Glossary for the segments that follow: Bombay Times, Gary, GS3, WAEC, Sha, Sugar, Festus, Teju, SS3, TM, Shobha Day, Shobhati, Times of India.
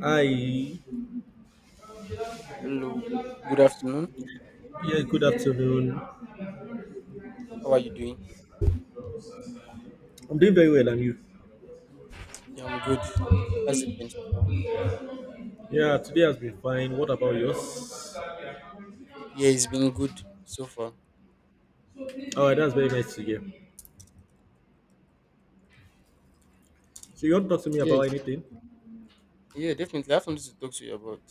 Hi. Hello, good afternoon. Yeah, good afternoon. How are you doing? I'm doing very well, and you? Yeah, I'm good. How's it been so far? Yeah, today has been fine. What about yours? Yeah, it's been good so far. All right, that's very nice to hear. So you want to talk to me about Yes, anything? yeah, definitely. I have something to talk to you about,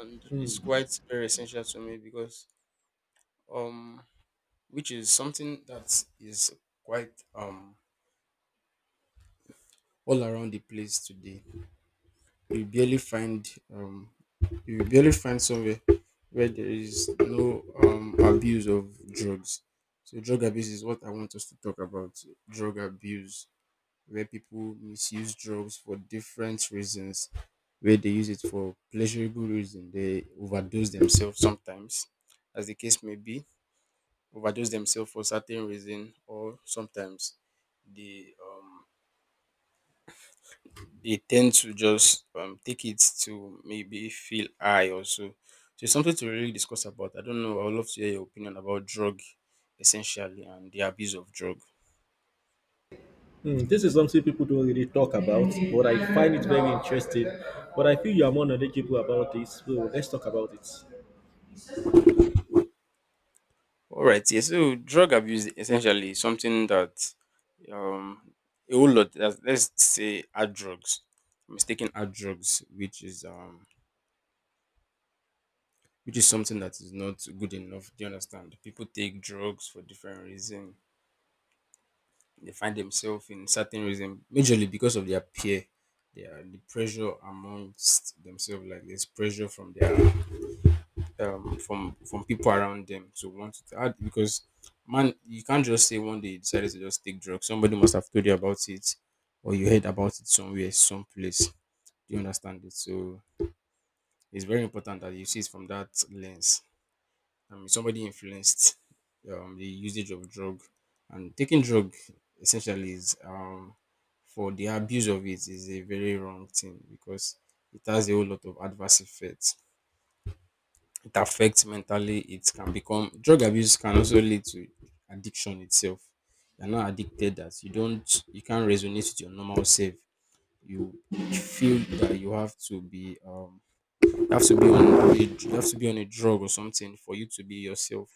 and it's quite very essential to me because um, which is something that is quite all around the place today. You barely find um, you barely find somewhere where there is no abuse of drugs. So drug abuse is what I want us to talk about. Drug abuse where people misuse drugs for different reasons, where they use it for pleasurable reason. They overdose themselves sometimes, as the case may be, overdose themselves for certain reason, or sometimes they they tend to just take it to maybe feel high also. So it's something to really discuss about. I don't know. I would love to hear your opinion about drug essentially and the abuse of drug. Hmm, this is something people don't really talk about, but I find it very interesting. But I feel you are more knowledgeable about this, so let's talk about it. All right. Yeah. So drug abuse essentially is something that um a whole lot. Let's say hard drugs, mistaken hard drugs, which is something that is not good enough. Do you understand? People take drugs for different reason. They find themselves in certain reason, majorly because of their peer, the pressure amongst themselves. Like there's pressure from their from people around them to want to add, because man, you can't just say one day you decided to just take drugs. Somebody must have told you about it, or you heard about it somewhere someplace. Do you understand it? So it's very important that you see it from that lens. I mean, somebody influenced the usage of drug, and taking drug essentially is for the abuse of it is a very wrong thing, because it has a whole lot of adverse effects. It affects mentally. It can become drug abuse can also lead to addiction itself. You're not addicted that you don't, you can't resonate with your normal self. You feel that you have to be you have to be on a, you have to be on a drug or something for you to be yourself.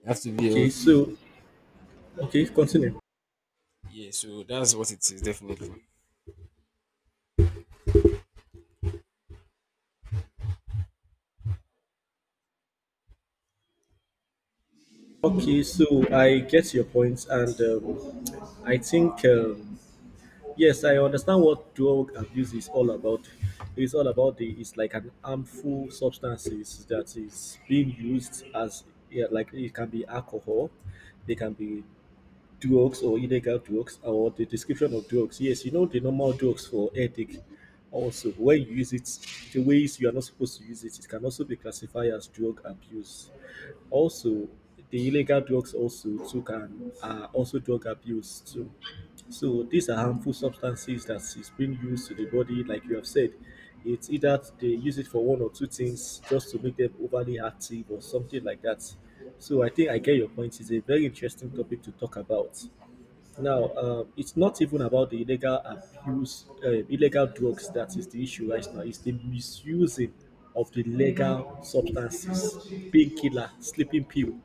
You have to be Okay, your so okay, continue. yeah, so that's what it is definitely. Okay, so I get your points, and I think, yes, I understand what drug abuse is all about. It's all about the it's like an harmful substances that is being used as, yeah, like it can be alcohol, they can be duox or illegal duox or the description of duox. Yes, you know the normal duox for ethic. Also, when you use it, the ways you are not supposed to use it, it can also be classified as drug abuse. Also, the illegal drugs also too can are also drug abuse too. So these are harmful substances that is being used to the body, like you have said. It's either they use it for one or two things just to make them overly active or something like that. So I think I get your point. It's a very interesting topic to talk about. Now, it's not even about the illegal drugs that is the issue right now. It's the misusing of the legal substances, painkiller, sleeping pill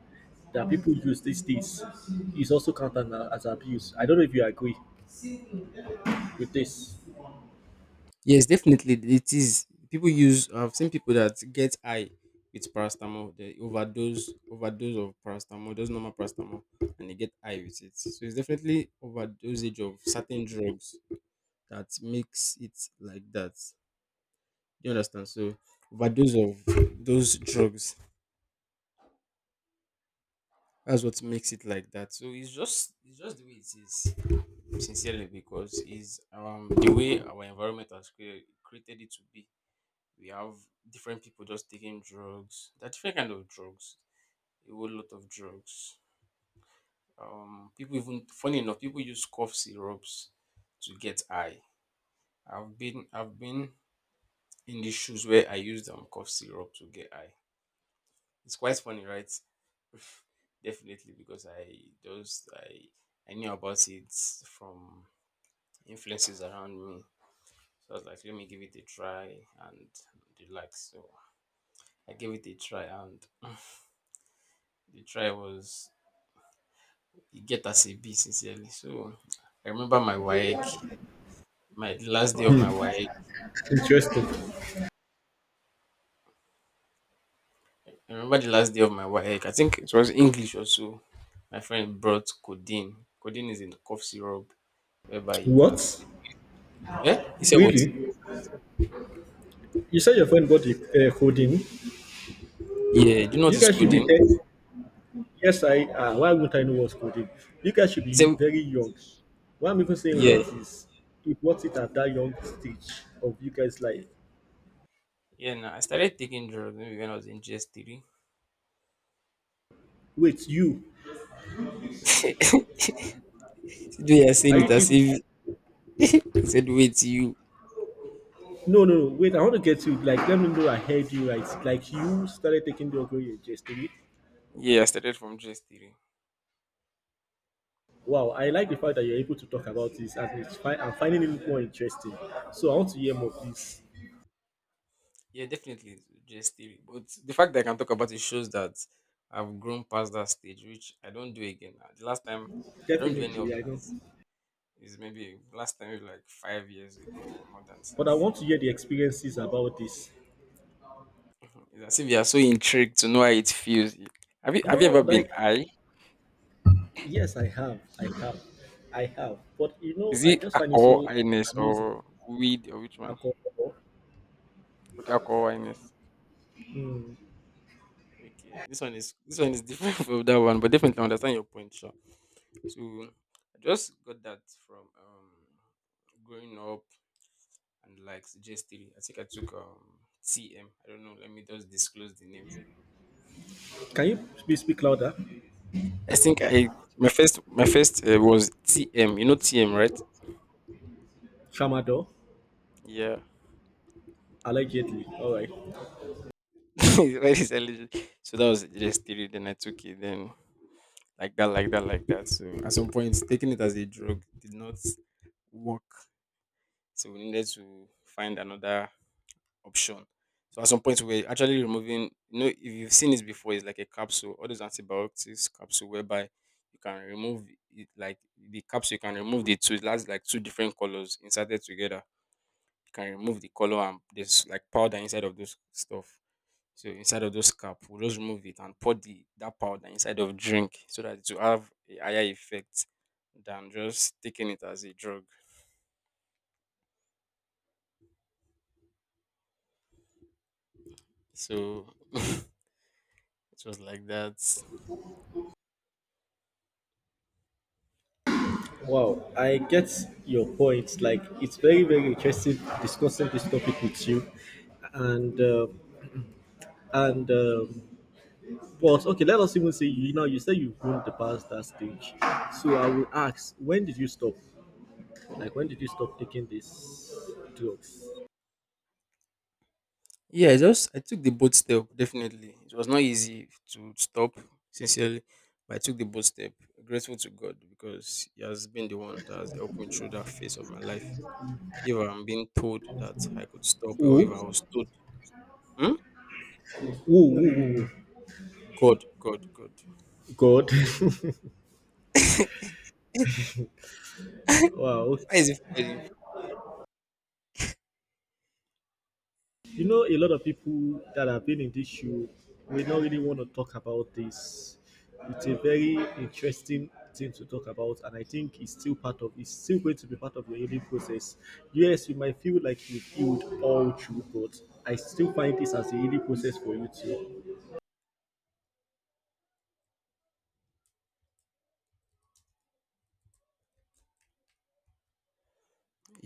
that people use these days is also counted as abuse. I don't know if you agree with this. Yes, definitely it is. People use, I've seen people that get high with paracetamol. They overdose of paracetamol, just normal paracetamol, and they get high with it. So it's definitely overdosage of certain drugs that makes it like that. You understand? So overdose of those drugs. That's what makes it like that. So it's just, it's just the way it is, sincerely, because it's the way our environment has created it to be. We have different people just taking drugs. There are different kind of drugs, a whole lot of drugs. People, even funny enough, people use cough syrups to get high. I've been in the shoes where I used cough syrup to get high. It's quite funny, right? Definitely, because I just I knew about it from influences around me. So I was like, let me give it a try and relax. So I gave it a try and the try was, you get as e sincerely. So I remember my WAEC, my the last day of my WAEC. Interesting. I remember the last day of my WAEC. I think it was English also. My friend brought codeine. Codeine is a cough syrup whereby you can. What? Eh? He said what? Really? You said your friend bought the coding. Yeah. Do you know what You is guys should be codeine? tech. Yes, I. Why wouldn't I know what's coding? You guys should He be said very young. Why am I even saying yeah. what is? It What's it at that young stage of you guys' life? Yeah, no, I started taking drugs maybe when I was in GS3. Wait, you? the way you're Are saying it, you as kidding? if I said, wait, you. No, no, no. Wait, I want to get you. Like, let me know I heard you right. Like, you started taking the Ogoye yesterday. Yeah, I started from GS3. Wow, I like the fact that you're able to talk about this, and it's fine. I'm finding it more interesting. So I want to hear more, please. Yeah, definitely it's just theory. But the fact that I can talk about it shows that I've grown past that stage, which I don't do again now. The last time I don't do any of Definitely, I know. that is maybe last time maybe like 5 years ago or more than But self. I want to So hear the experiences about this. it's as if you are so intrigued to know how it feels. Have No, you ever been like, high? yes, I have. I have. I have. But, Is I it just find it alcohol so highness amazing. or weed or which one? Alcohol. Okay, alcohol highness. Okay. This one is different from that one, but definitely I understand your point, sure. So I just got that from growing up and like suggested. I think I took TM. I don't know. Let me just disclose the name. Can you please speak louder? I think I, my first was TM. You know TM, right? Tramadol. Yeah. Allegedly. All right. Right, it's eligible. So that was just theory. Then I took it. Then like that, like that, like that. So at some point, taking it as a drug did not work. So we needed to find another option. So at some point we are actually removing, you know, if you've seen this before, it's like a capsule, all those antibiotics capsule whereby you can remove it, like the capsule, you can remove the two, it has like two different colors inserted together. You can remove the color and there's like powder inside of those stuff. So inside of those cap, we'll just remove it and pour the that powder inside of drink so that it will have a higher effect than just taking it as a drug. So it was like that. Wow. I get your point. Like, it's very, very interesting discussing this topic with you. And, uh, and, um but okay, let us even say, you say you've grown the past that stage. So I will ask, when did you stop? Like, when did you stop taking these drugs? Yeah, I just, I took the bold step. Definitely, it was not easy to stop. Sincerely, but I took the bold step. Grateful to God, because He has been the one that has helped me through that phase of my life. If I'm being told that I could stop, or if Ooh, I was told, hmm? ooh, ooh, ooh, ooh. God, God, God. God. Wow. Okay. Why is it funny? You know, a lot of people that have been in this shoe, we don't really want to talk about this. It's a very interesting thing to talk about, and I think it's still going to be part of your healing process. Yes, you might feel like you've healed all through, but I still find this as a healing process for you too.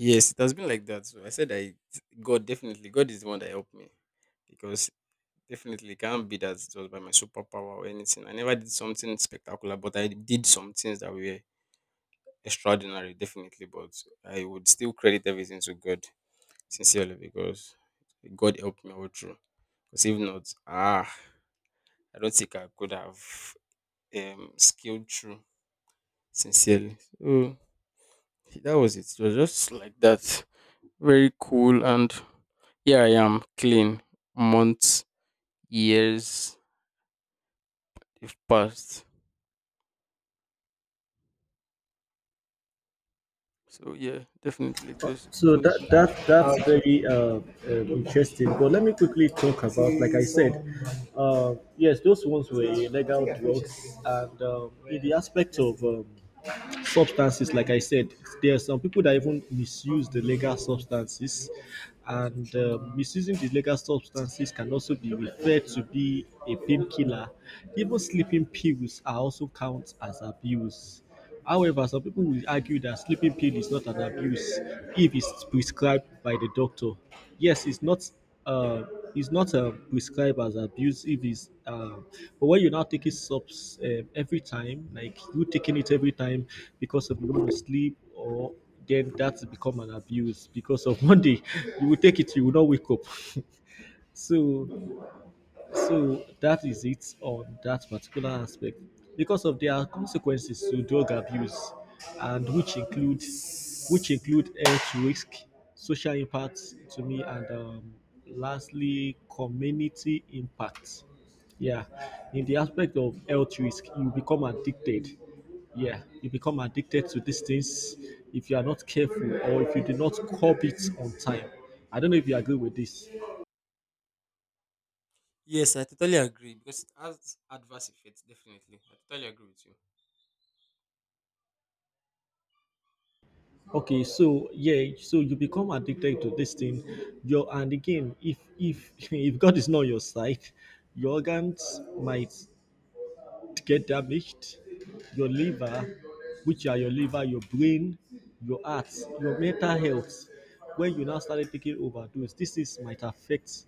Yes, it has been like that. So I said I, God definitely, God is the one that helped me, because definitely, can't be that it was by my superpower or anything. I never did something spectacular, but I did some things that were extraordinary, definitely. But I would still credit everything to God, sincerely, because God helped me all through. Because if not, ah, I don't think I could have scaled through, sincerely. So that was it. It was just like that. Very cool. And here I am, clean. Months, years, they've passed. So yeah, definitely it was, it So was that good. that that's very interesting. But let me quickly talk about, like I said, yes, those ones were illegal drugs, and in the aspect of substances, like I said, there are some people that even misuse the legal substances, and misusing the legal substances can also be referred to be a painkiller. Even sleeping pills are also count as abuse. However, some people will argue that sleeping pill is not an abuse if it's prescribed by the doctor. Yes, it's not uh, is not prescribed as abuse if it's, but when you now take it subs every time, like you taking it every time because of you want to sleep, or then that's become an abuse because of one day you will take it, you will not wake up. So that is it on that particular aspect. Because of there are consequences to drug abuse, and which include health risk, social impacts to me, and lastly community impact. Yeah, in the aspect of health risk, you become addicted. Yeah, you become addicted to these things if you are not careful or if you do not curb it on time. I don't know if you agree with this. Yes, I totally agree, because it has adverse effects. Definitely, I totally agree with you. Okay, so yeah, so you become addicted to this thing, your and again, if if God is not your side, your organs might do get damaged, your liver, which are your liver, your brain, your heart, your mental health. When you now started taking overdose, this is might affect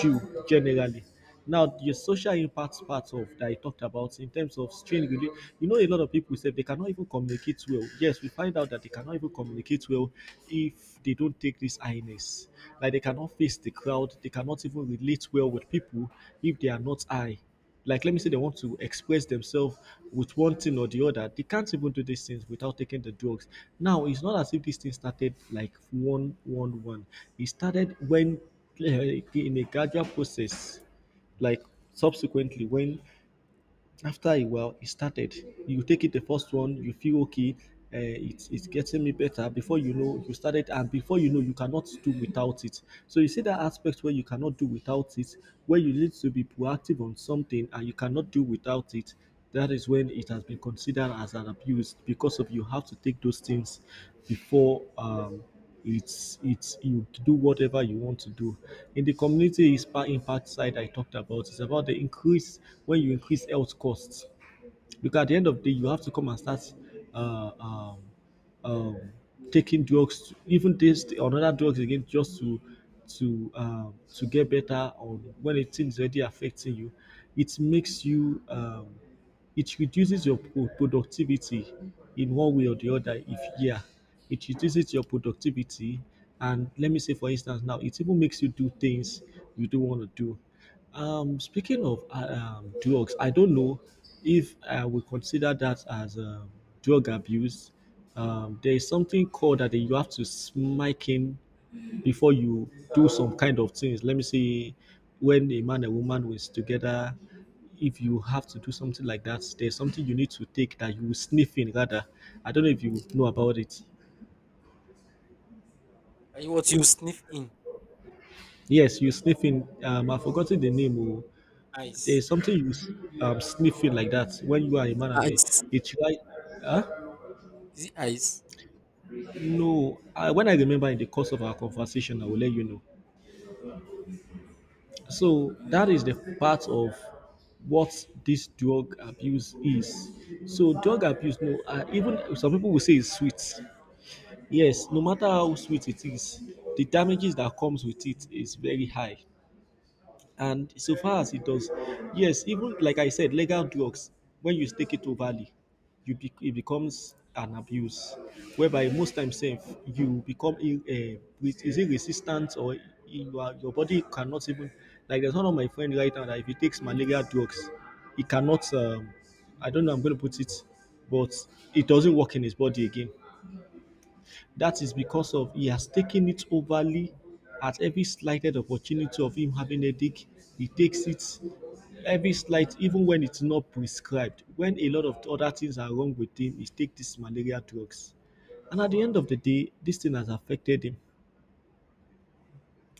you generally. Now, the social impact part of that I talked about in terms of strain, a lot of people said they cannot even communicate well. Yes, we find out that they cannot even communicate well if they don't take this highness. Like they cannot face the crowd, they cannot even relate well with people if they are not high. Like, let me say they want to express themselves with one thing or the other, they can't even do these things without taking the drugs. Now, it's not as if this thing started like one, one, one. It started when, uh, in a gradual process, like subsequently, when after a while it started, you take it the first one, you feel okay. It's getting me better, before you know you started, and before you know you cannot do without it. So you see that aspect where you cannot do without it, where you need to be proactive on something and you cannot do without it. That is when it has been considered as an abuse because of you have to take those things before, it's you do whatever you want to do. In the community is impact side I talked about, it's about the increase. When you increase health costs, because at the end of the day, you have to come and start uh, um, um, taking drugs, even this or other drugs again, just to get better, or when a thing is already affecting you, it makes you, it reduces your productivity in one way or the other. If, yeah, it reduces your productivity, and let me say for instance, now it even makes you do things you don't want to do. Speaking of, drugs, I don't know if I would consider that as drug abuse. There is something called that you have to smite him before you do some kind of things. Let me see, when a man and woman was together, if you have to do something like that, there's something you need to take that you sniff in, rather. I don't know if you know about it. And what you sniff in, Yes, you sniffing. I've forgotten the name. Oh. ice, There's something you sniffing like that when you are a man and a, ice, it's right. Huh? is it ice? No, when I remember in the course of our conversation, I will let you know. So that is the part of what this drug abuse is. So drug abuse, no, even some people will say it's sweet. Yes, no matter how sweet it is, the damages that comes with it is very high. And so far as it does, yes, even like I said, legal drugs, when you take it overly, it becomes an abuse, whereby most times safe you become in, with is it resistant, or your body cannot even, like, there's one of my friend right now that if he takes malaria drugs, he cannot. I don't know. I'm going to put it, but it doesn't work in his body again. That is because of he has taken it overly at every slighted opportunity of him having a headache. He takes it every slight, even when it's not prescribed. When a lot of other things are wrong with him, he takes these malaria drugs. And at the end of the day, this thing has affected him.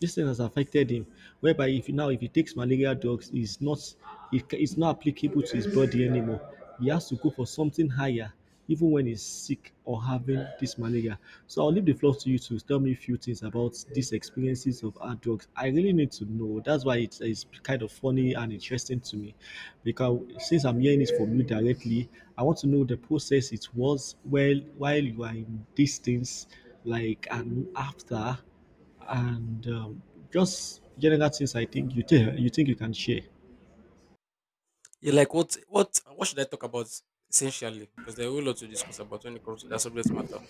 This thing has affected him, whereby if, now if he takes malaria drugs, it's not applicable to his body anymore. He has to go for something higher, even when he's sick or having this malaria. So I'll leave the floor to you to tell me a few things about these experiences of hard drugs. I really need to know. That's why it's kind of funny and interesting to me, because since I'm hearing it from you directly, I want to know the process it was well while you are in these things, like, and after, and just general things I think you think you can share. Yeah, like what? What? What should I talk about essentially? Because there are a whole lot to discuss about when it comes to that subject matter.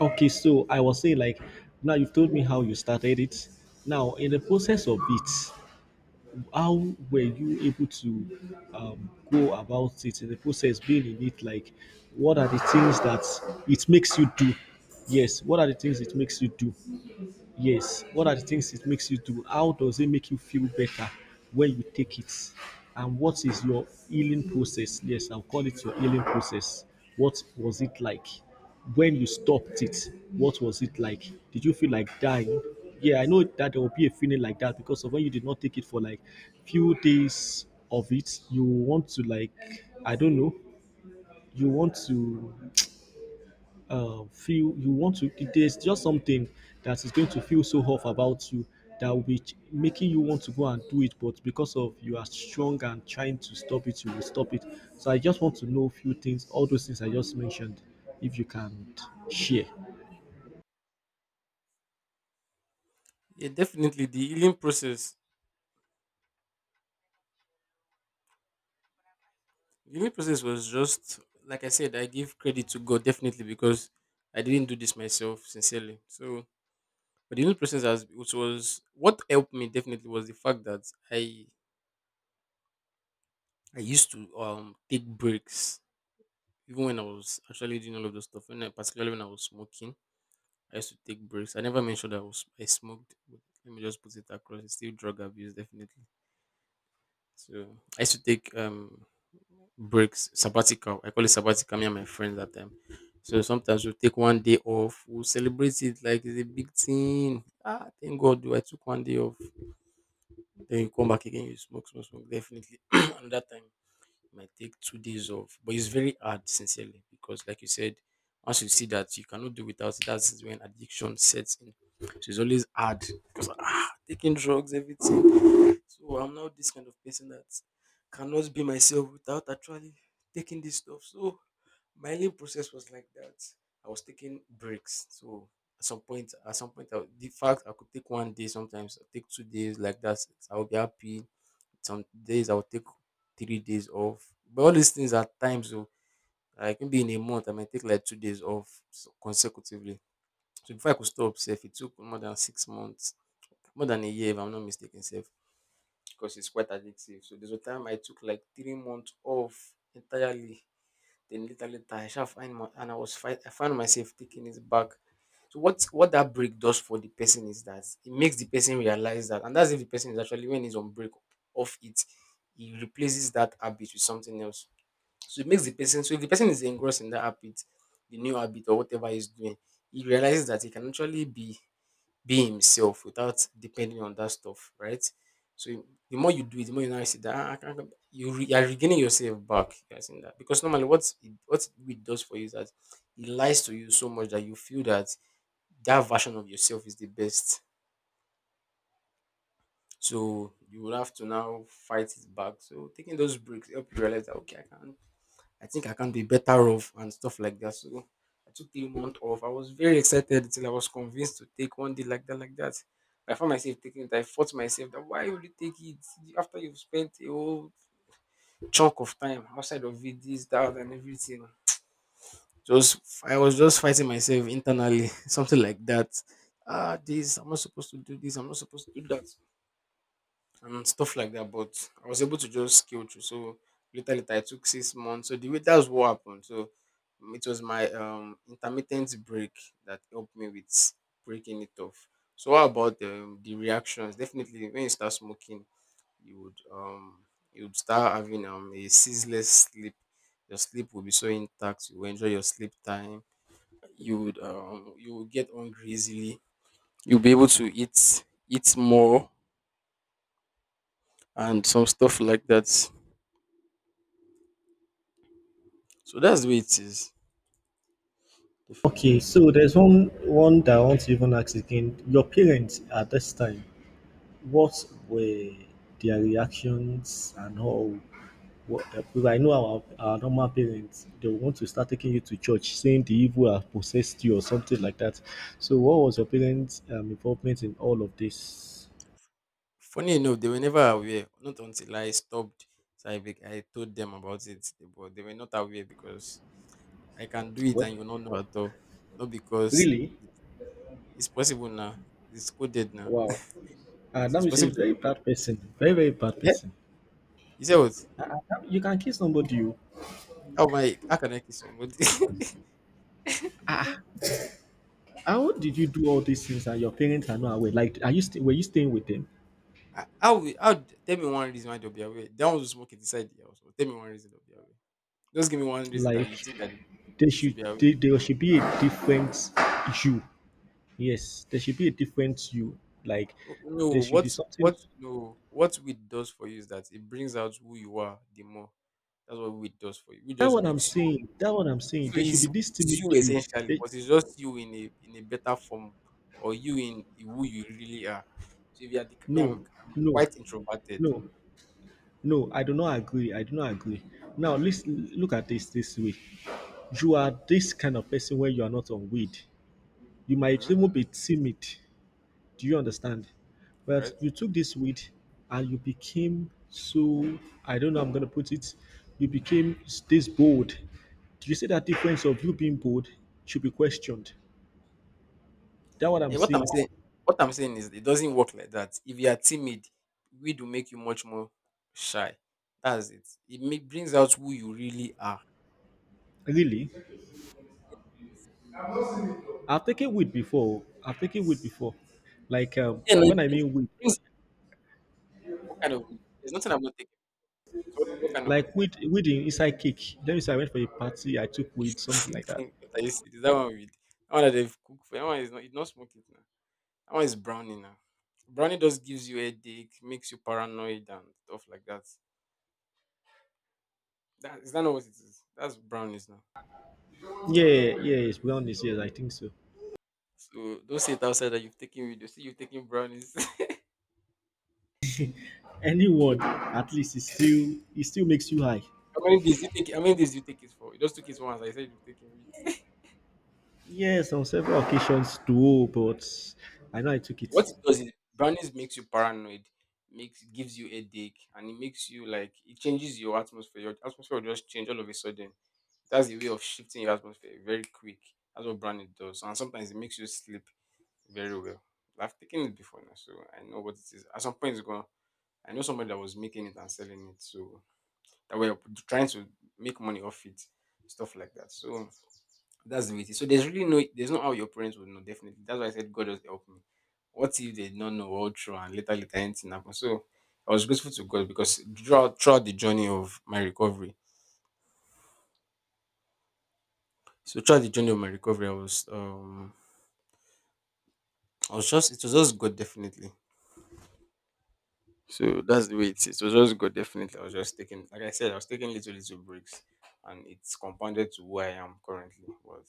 Okay, so I was saying, like, now you've told me how you started it. Now in the process of it, how were you able to go about it in the process being in it? Like what are the things that it makes you do? Yes, what are the things it makes you do? Yes. What are the things it makes you do? How does it make you feel better when you take it? And what is your healing process? Yes, I'll call it your healing process. What was it like? When you stopped it, what was it like? Did you feel like dying? Yeah, I know that there will be a feeling like that because of when you did not take it for like few days of it, you want to, like, I don't know, you want to feel, you want to, there's just something that is going to feel so off about you that will be making you want to go and do it, but because of you are strong and trying to stop it, you will stop it. So I just want to know a few things, all those things I just mentioned, if you can share. Yeah, definitely the healing process. The healing process was just like I said. I give credit to God, definitely, because I didn't do this myself sincerely. So, but the healing process has, which was what helped me definitely was the fact that I I used to take breaks, even when I was actually doing all of those stuff. When I, particularly when I was smoking, I used to take breaks. I never mentioned I was, I smoked. But let me just put it across. It's still drug abuse definitely. So I used to take breaks, sabbatical. I call it sabbatical. Me and my friends that time. So sometimes we'll take one day off. We'll celebrate it like it's a big thing. Ah, thank God, I took one day off. Then you come back again, you smoke, smoke, smoke. Definitely. Another time it might take 2 days off. But it's very hard, sincerely, because like you said, once you see that you cannot do without it, that's when addiction sets in. So it's always hard, because ah, taking drugs, everything. So I'm now this kind of person that cannot be myself without actually taking this stuff. So my healing process was like that. I was taking breaks. So at some point, I, the fact I could take one day sometimes, I take 2 days like that, I'll be happy, some days I'll take 3 days off. But all these things are times, so like maybe in a month I might take like 2 days off s- consecutively. So before I could stop self, it took more than 6 months, more than a year if I'm not mistaken, self, because it's quite addictive. So there's a time I took like 3 months off entirely. Then later, later, I shall find my and I was find I found myself taking it back. So what that break does for the person is that it makes the person realize that, and that's if the person is actually, when he's on break off it, he replaces that habit with something else. So if the person is engrossed in that habit, the new habit or whatever he's doing, he realizes that he can actually be himself without depending on that stuff, right? So the more you do it, the more you now see that, "Ah, I can't, you are regaining yourself back. You are seeing that, because normally what it does for you is that it lies to you so much that you feel that that version of yourself is the best. So you will have to now fight it back. So taking those breaks help you realize that, okay, I think I can be better off and stuff like that. So I took 3 months off. I was very excited till I was convinced to take one day like that. I found myself taking it. I fought myself that, why would you take it after you've spent a whole chunk of time outside of it, this, that, and everything. Just I was just fighting myself internally, something like that. Ah, this I'm not supposed to do this. I'm not supposed to do that and stuff like that. But I was able to just scale through. So later, I took 6 months. So the way that's what happened. So it was my intermittent break that helped me with breaking it off. So what about the reactions? Definitely, when you start smoking, you would um you would start having a ceaseless sleep. Your sleep will be so intact. You will enjoy your sleep time. You will get hungry easily. You'll be able to eat more and some stuff like that. So that's the way it is. Okay, Definitely. so there's one that I want to even ask again. Your parents at this time, what were their reactions and all? Well, because I know our normal parents, they will want to start taking you to church, saying the evil have possessed you or something like that. So, what was your parents' involvement in all of this? Funny enough, they were never aware. Not until I stopped. So I told them about it. But they were not aware, because I can do it What? and you not know at all. Not because Really? it's possible now. It's coded now. Wow. So That it's means a possible to very do that. bad person, very, very bad Yeah. person. You say what? Uh, uh, you can kill somebody. You. How can I kill somebody? How did you do all these things and your parents are not aware? Like, are you were you staying with them? I will how d- tell me one reason why they'll be aware. They want to smoke it inside the house. But tell me one reason they'll be aware. Just give me one reason that you Like, think that there they should should, be aware. they, there should be a different you. Yes, there should be a different you. Like No, no, there should be something. what no what weed does for you is that it brings out who you are the more. That's what weed does for you. It That just what I'm makes you, saying. That what I'm so saying. There should be it's, this it's timid you you. essentially, They, but it's just you in a better form, or you in who you really are. So if you are no, I'm no, quite introverted, no, no. I do not agree. I do not agree. Now let's look at this this way. You are this kind of person when you are not on weed. You might hmm, even be timid. Do you understand? But right? you took this weed and you became so, I don't know, I'm going to put it, you became this bold. Do you see that difference of you being bold should be questioned? That's what I'm Yeah, what I'm saying. saying, what I'm saying is it doesn't work like that. If you are timid, weed will make you much more shy. That's it. Brings out who you really are. Really? I've taken weed before. I've taken weed before. Like, Yeah, no, when I mean weed, it brings what kind of weed? There's nothing about taking. So what kind of like weed, weed inside cake. Let me say I went for a party, I took weed, something like that. weed? What are you see? Is that one weed? That one that they've cooked for. That one is not. It's not smoking now. That one is brownie now. Brownie just gives you headache, makes you paranoid and stuff like that. That is that not what it is? That's brownies now. Yeah, yeah, it's, be honest, yes, I think so. So don't say it outside that you've taken weed. You'll see you've taken brownies. Anyone, at least, it still makes you high. How many days do you take? How many days do you take it for? You just took it once. I said you taking it. Yes, on several occasions too, but I know I took What it. it does is, brownies makes you paranoid, makes gives you headache, and it makes you, like, it changes your atmosphere. Your atmosphere will just change all of a sudden. That's the way of shifting your atmosphere very quick. That's what brownies does, and sometimes it makes you sleep very well. I've taken it before now, so I know what it is. At some point, it's gonna. I know somebody that was making it and selling it, so that way of trying to make money off it, stuff like that. So that's the way it is. So there's no how your parents would know, definitely. That's why I said, God just help me. What if they did not know all through and later anything happened? So I was grateful to God, because throughout the journey of my recovery. So throughout the journey of my recovery, I was just it was just God definitely. So that's the way it is. It was just God definitely. I was just taking Like I said, I was taking little breaks, and it's compounded to where I am currently. But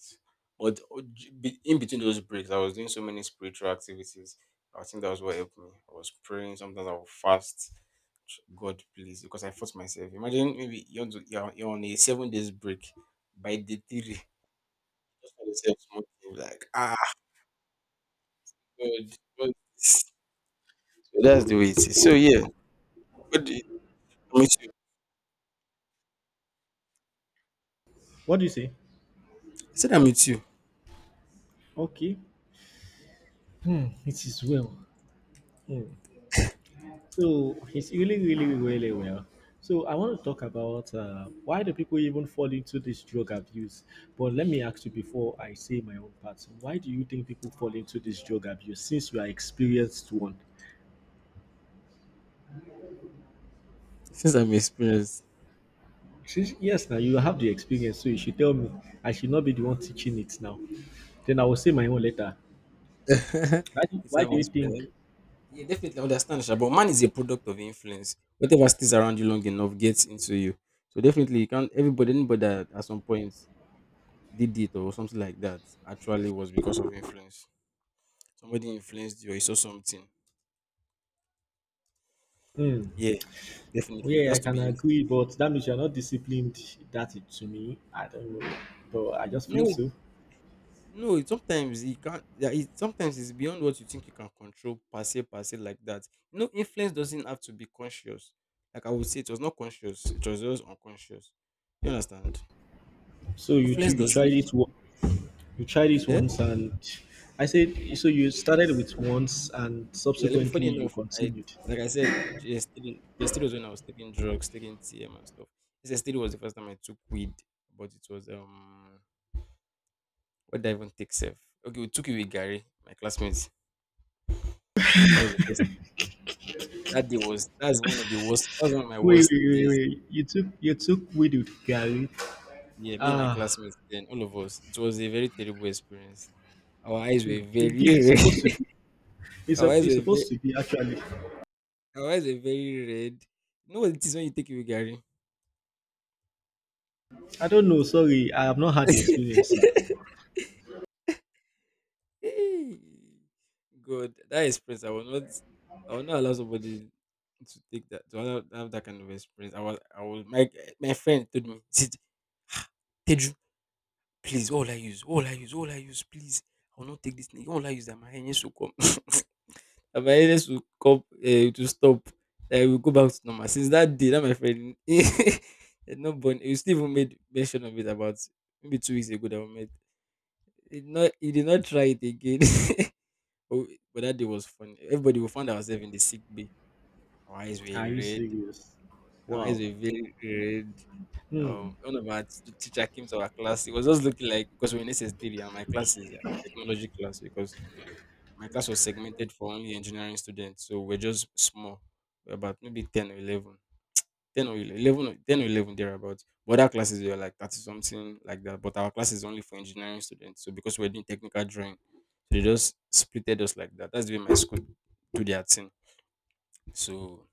but o- j- be- in between those breaks, I was doing so many spiritual activities. I think that was what helped me. I was praying, sometimes I would fast. God, please, because I forced myself. Imagine, maybe you're on a 7 days break by day three. Just find yourself smoking, like, ah, God, what is this?" So that's the way it is. So yeah, what do you, I'm you. What do you say? I said, I meet you. Okay. Hmm, it is well. Hmm. So it's really, really, really well. So I want to talk about why do people even fall into this drug abuse? But let me ask you before I say my own part. Why do you think people fall into this drug abuse since you are experienced one? Since I'm experienced. Since, yes, now you have the experience, so you should tell me. I should not be the one teaching it now. Then I will say my own later. You see, Why I'm do you think? experienced. Yeah, definitely understand, Sha, but man is a product of influence. Whatever stays around you long enough gets into you. So definitely, you can't. Anybody that at some point did it or something like that, actually was because of influence. Somebody influenced you, or you saw something. Hmm. Yeah, definitely, it Yeah, I has to be can influence. agree, but that means you're not disciplined. That, it, to me, I don't know, but I just feel No, so. no, sometimes you can't. Yeah, sometimes it's beyond what you think you can control, per se, like that. You know, influence doesn't have to be conscious. Like I would say, it was not conscious. It was just unconscious. You understand? Influence You tried doesn't. it you tried it Yeah, once, and I said so. You started with once, and yeah. Let me. subsequently Funny you enough, I, continued. like I said, just the still was when I was taking drugs, taking TM and stuff. This still was the first time I took weed, but it was, what did I even take self? Okay, we took it with Gary, my classmates. That was the first. That day was that's one of the worst. That was one of my Wait, worst wait, wait, days. wait. You took weed with Gary. Yeah, me and my Ah, classmates, then all of us. It was a very terrible experience. Our eyes hmm, were indeed, very it's supposed to red. be. It's, our eyes were it's very, supposed to be actually. our eyes were very red. You know what it is when you take away Gary? I don't know. Sorry, I have not had the experience. Sir. God, that experience. I will not allow somebody to take that. To have that kind of experience. I was. I was. My friend told me, "Sit, Teju, please. All I use. All I use. All I use. Please. I will not take this thing. All I use that my hands will come." I my illness will come to stop, I will go back to normal. Since that day, that my friend he had not born, he still even made mention of it about maybe 2 weeks ago that we met. He did not try it again. but, but that day was funny. Everybody, we found ourselves in the sick bay. Our eyes Are were you red. serious? Our eyes Wow. were very red. Hmm. One of our teacher came to our class. He was just looking, like, because we're in SS3 and my class is a technology class. Because my class was segmented for only engineering students, so we're just small. We're about maybe 10 or 11. 10 or 11, 11 or 10 or 11 thereabouts. But other classes were like 30, something like that. But our class is only for engineering students. So, because we're doing technical drawing, so they just splitted us like that. That's the way my school do their thing. So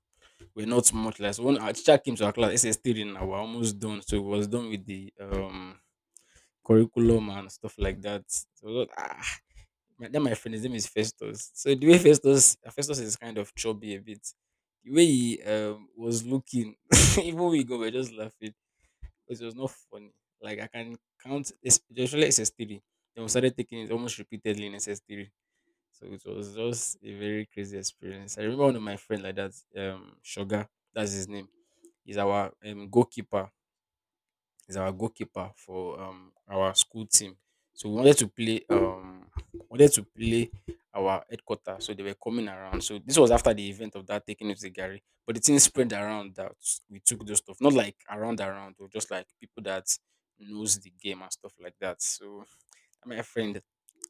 we're not much less. When our teacher came to our class, SS3, now we're almost done. So we was done with the curriculum and stuff like that. So, ah, my friend, his name is Festus. So the way Festus is, kind of chubby a bit. The way he was looking, even we go, we are just laughing because it was not funny. Like I can count, it's usually SS3. Then we started taking it almost repeatedly in SS3. So it was just a very crazy experience. I remember one of my friend like that, Sugar, that's his name. He's our um, goalkeeper He's our goalkeeper for our school team. So we wanted to play our headquarters. So they were coming around. So this was after the event of that taking it to Gary. But the thing spread around that we took those stuff. Not like around or just like people that knows the game and stuff like that. So my friend,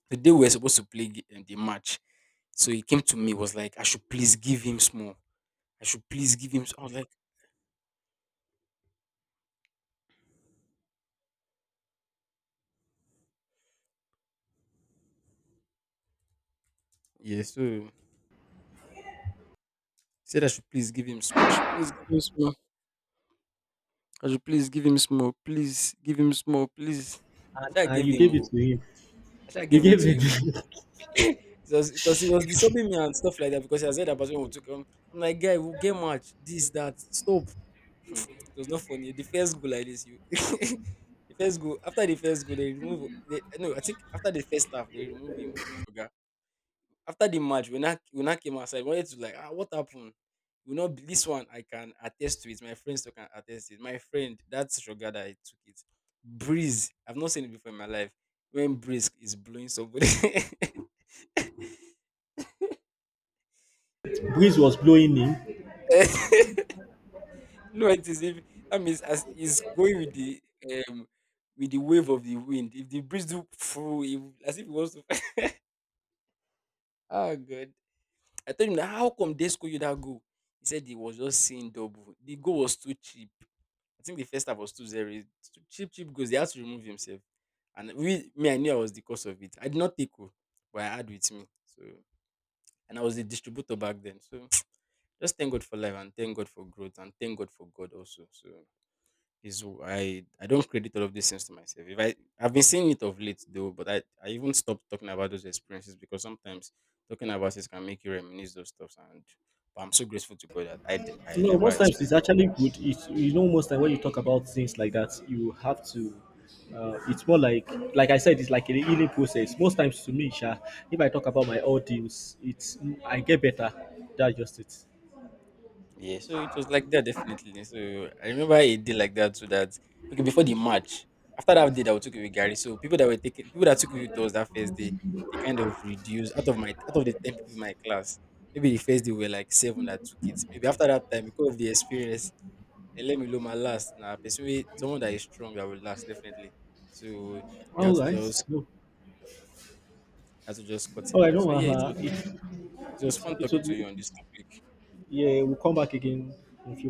the day we were supposed to play the match, so he came to me, was like, I should please give him small. I should please give him." I was like, Yeah, so he said, I should please give him small. I should please give him small. I should please give him small, please give him small, please. Should I And gave you him gave it more? to him. I should I You gave him gave to him more? the Because he was disturbing me and stuff like that, because I said that person would took him. I'm like, guy, we'll get match. This, that. Stop. Hmm, it was not funny. The first goal like this, you the first goal after the first goal, they remove they, no, I think after the first half, they remove him, oh, sugar. After the match, when I came outside, I wanted to, like, ah, what happened? You know, this one I can attest to it. My friends too can attest to it. My friend, that's Sugar that I took it. Breeze. I've not seen it before in my life. When breeze is blowing somebody. breeze was blowing in. No, it is, if that means, as it's going with um the wave of the wind. If the breeze do through, if, as if it wants to. Oh, God. I told him that, how come they score you that goal? He said he was just seeing double. The goal was too cheap. I think the first half was 2-0. Cheap, cheap goals. They had to remove himself. And I knew I was the cause of it. I did not take, o, but I had with me. So and I was the distributor back then. So, just thank God for life and thank God for growth and thank God for God also. So is I don't credit all of these things to myself. If I I've been seeing it of late though, but I even stopped talking about those experiences, because sometimes talking about it can make you reminisce those stuffs, and but I'm so grateful to God that I No, never most times it's actually good. It's, you know, most time when you talk about things like that, you have to. It's more like I said, it's like a healing process. Most times to me, Sha, if I talk about my old deals, it's I get better. That's just it. Yeah, so it was like that, definitely. So I remember a day like that, so that, okay, before the match. After that day that we took it with Gary, so people that took it with us that first day, they kind of reduced, out of the 10 people in my class. Maybe the first day we were like seven that took it. Maybe after that time, because of the experience, and let me know my last. Now, nah, someone that is strong that will last, definitely. So we had All to right, just no, had to just cut all it right, down. no, So yeah, it wahala. was it, it it, was fun it, talking to will, you on this topic. yeah, we'll come back again in a few.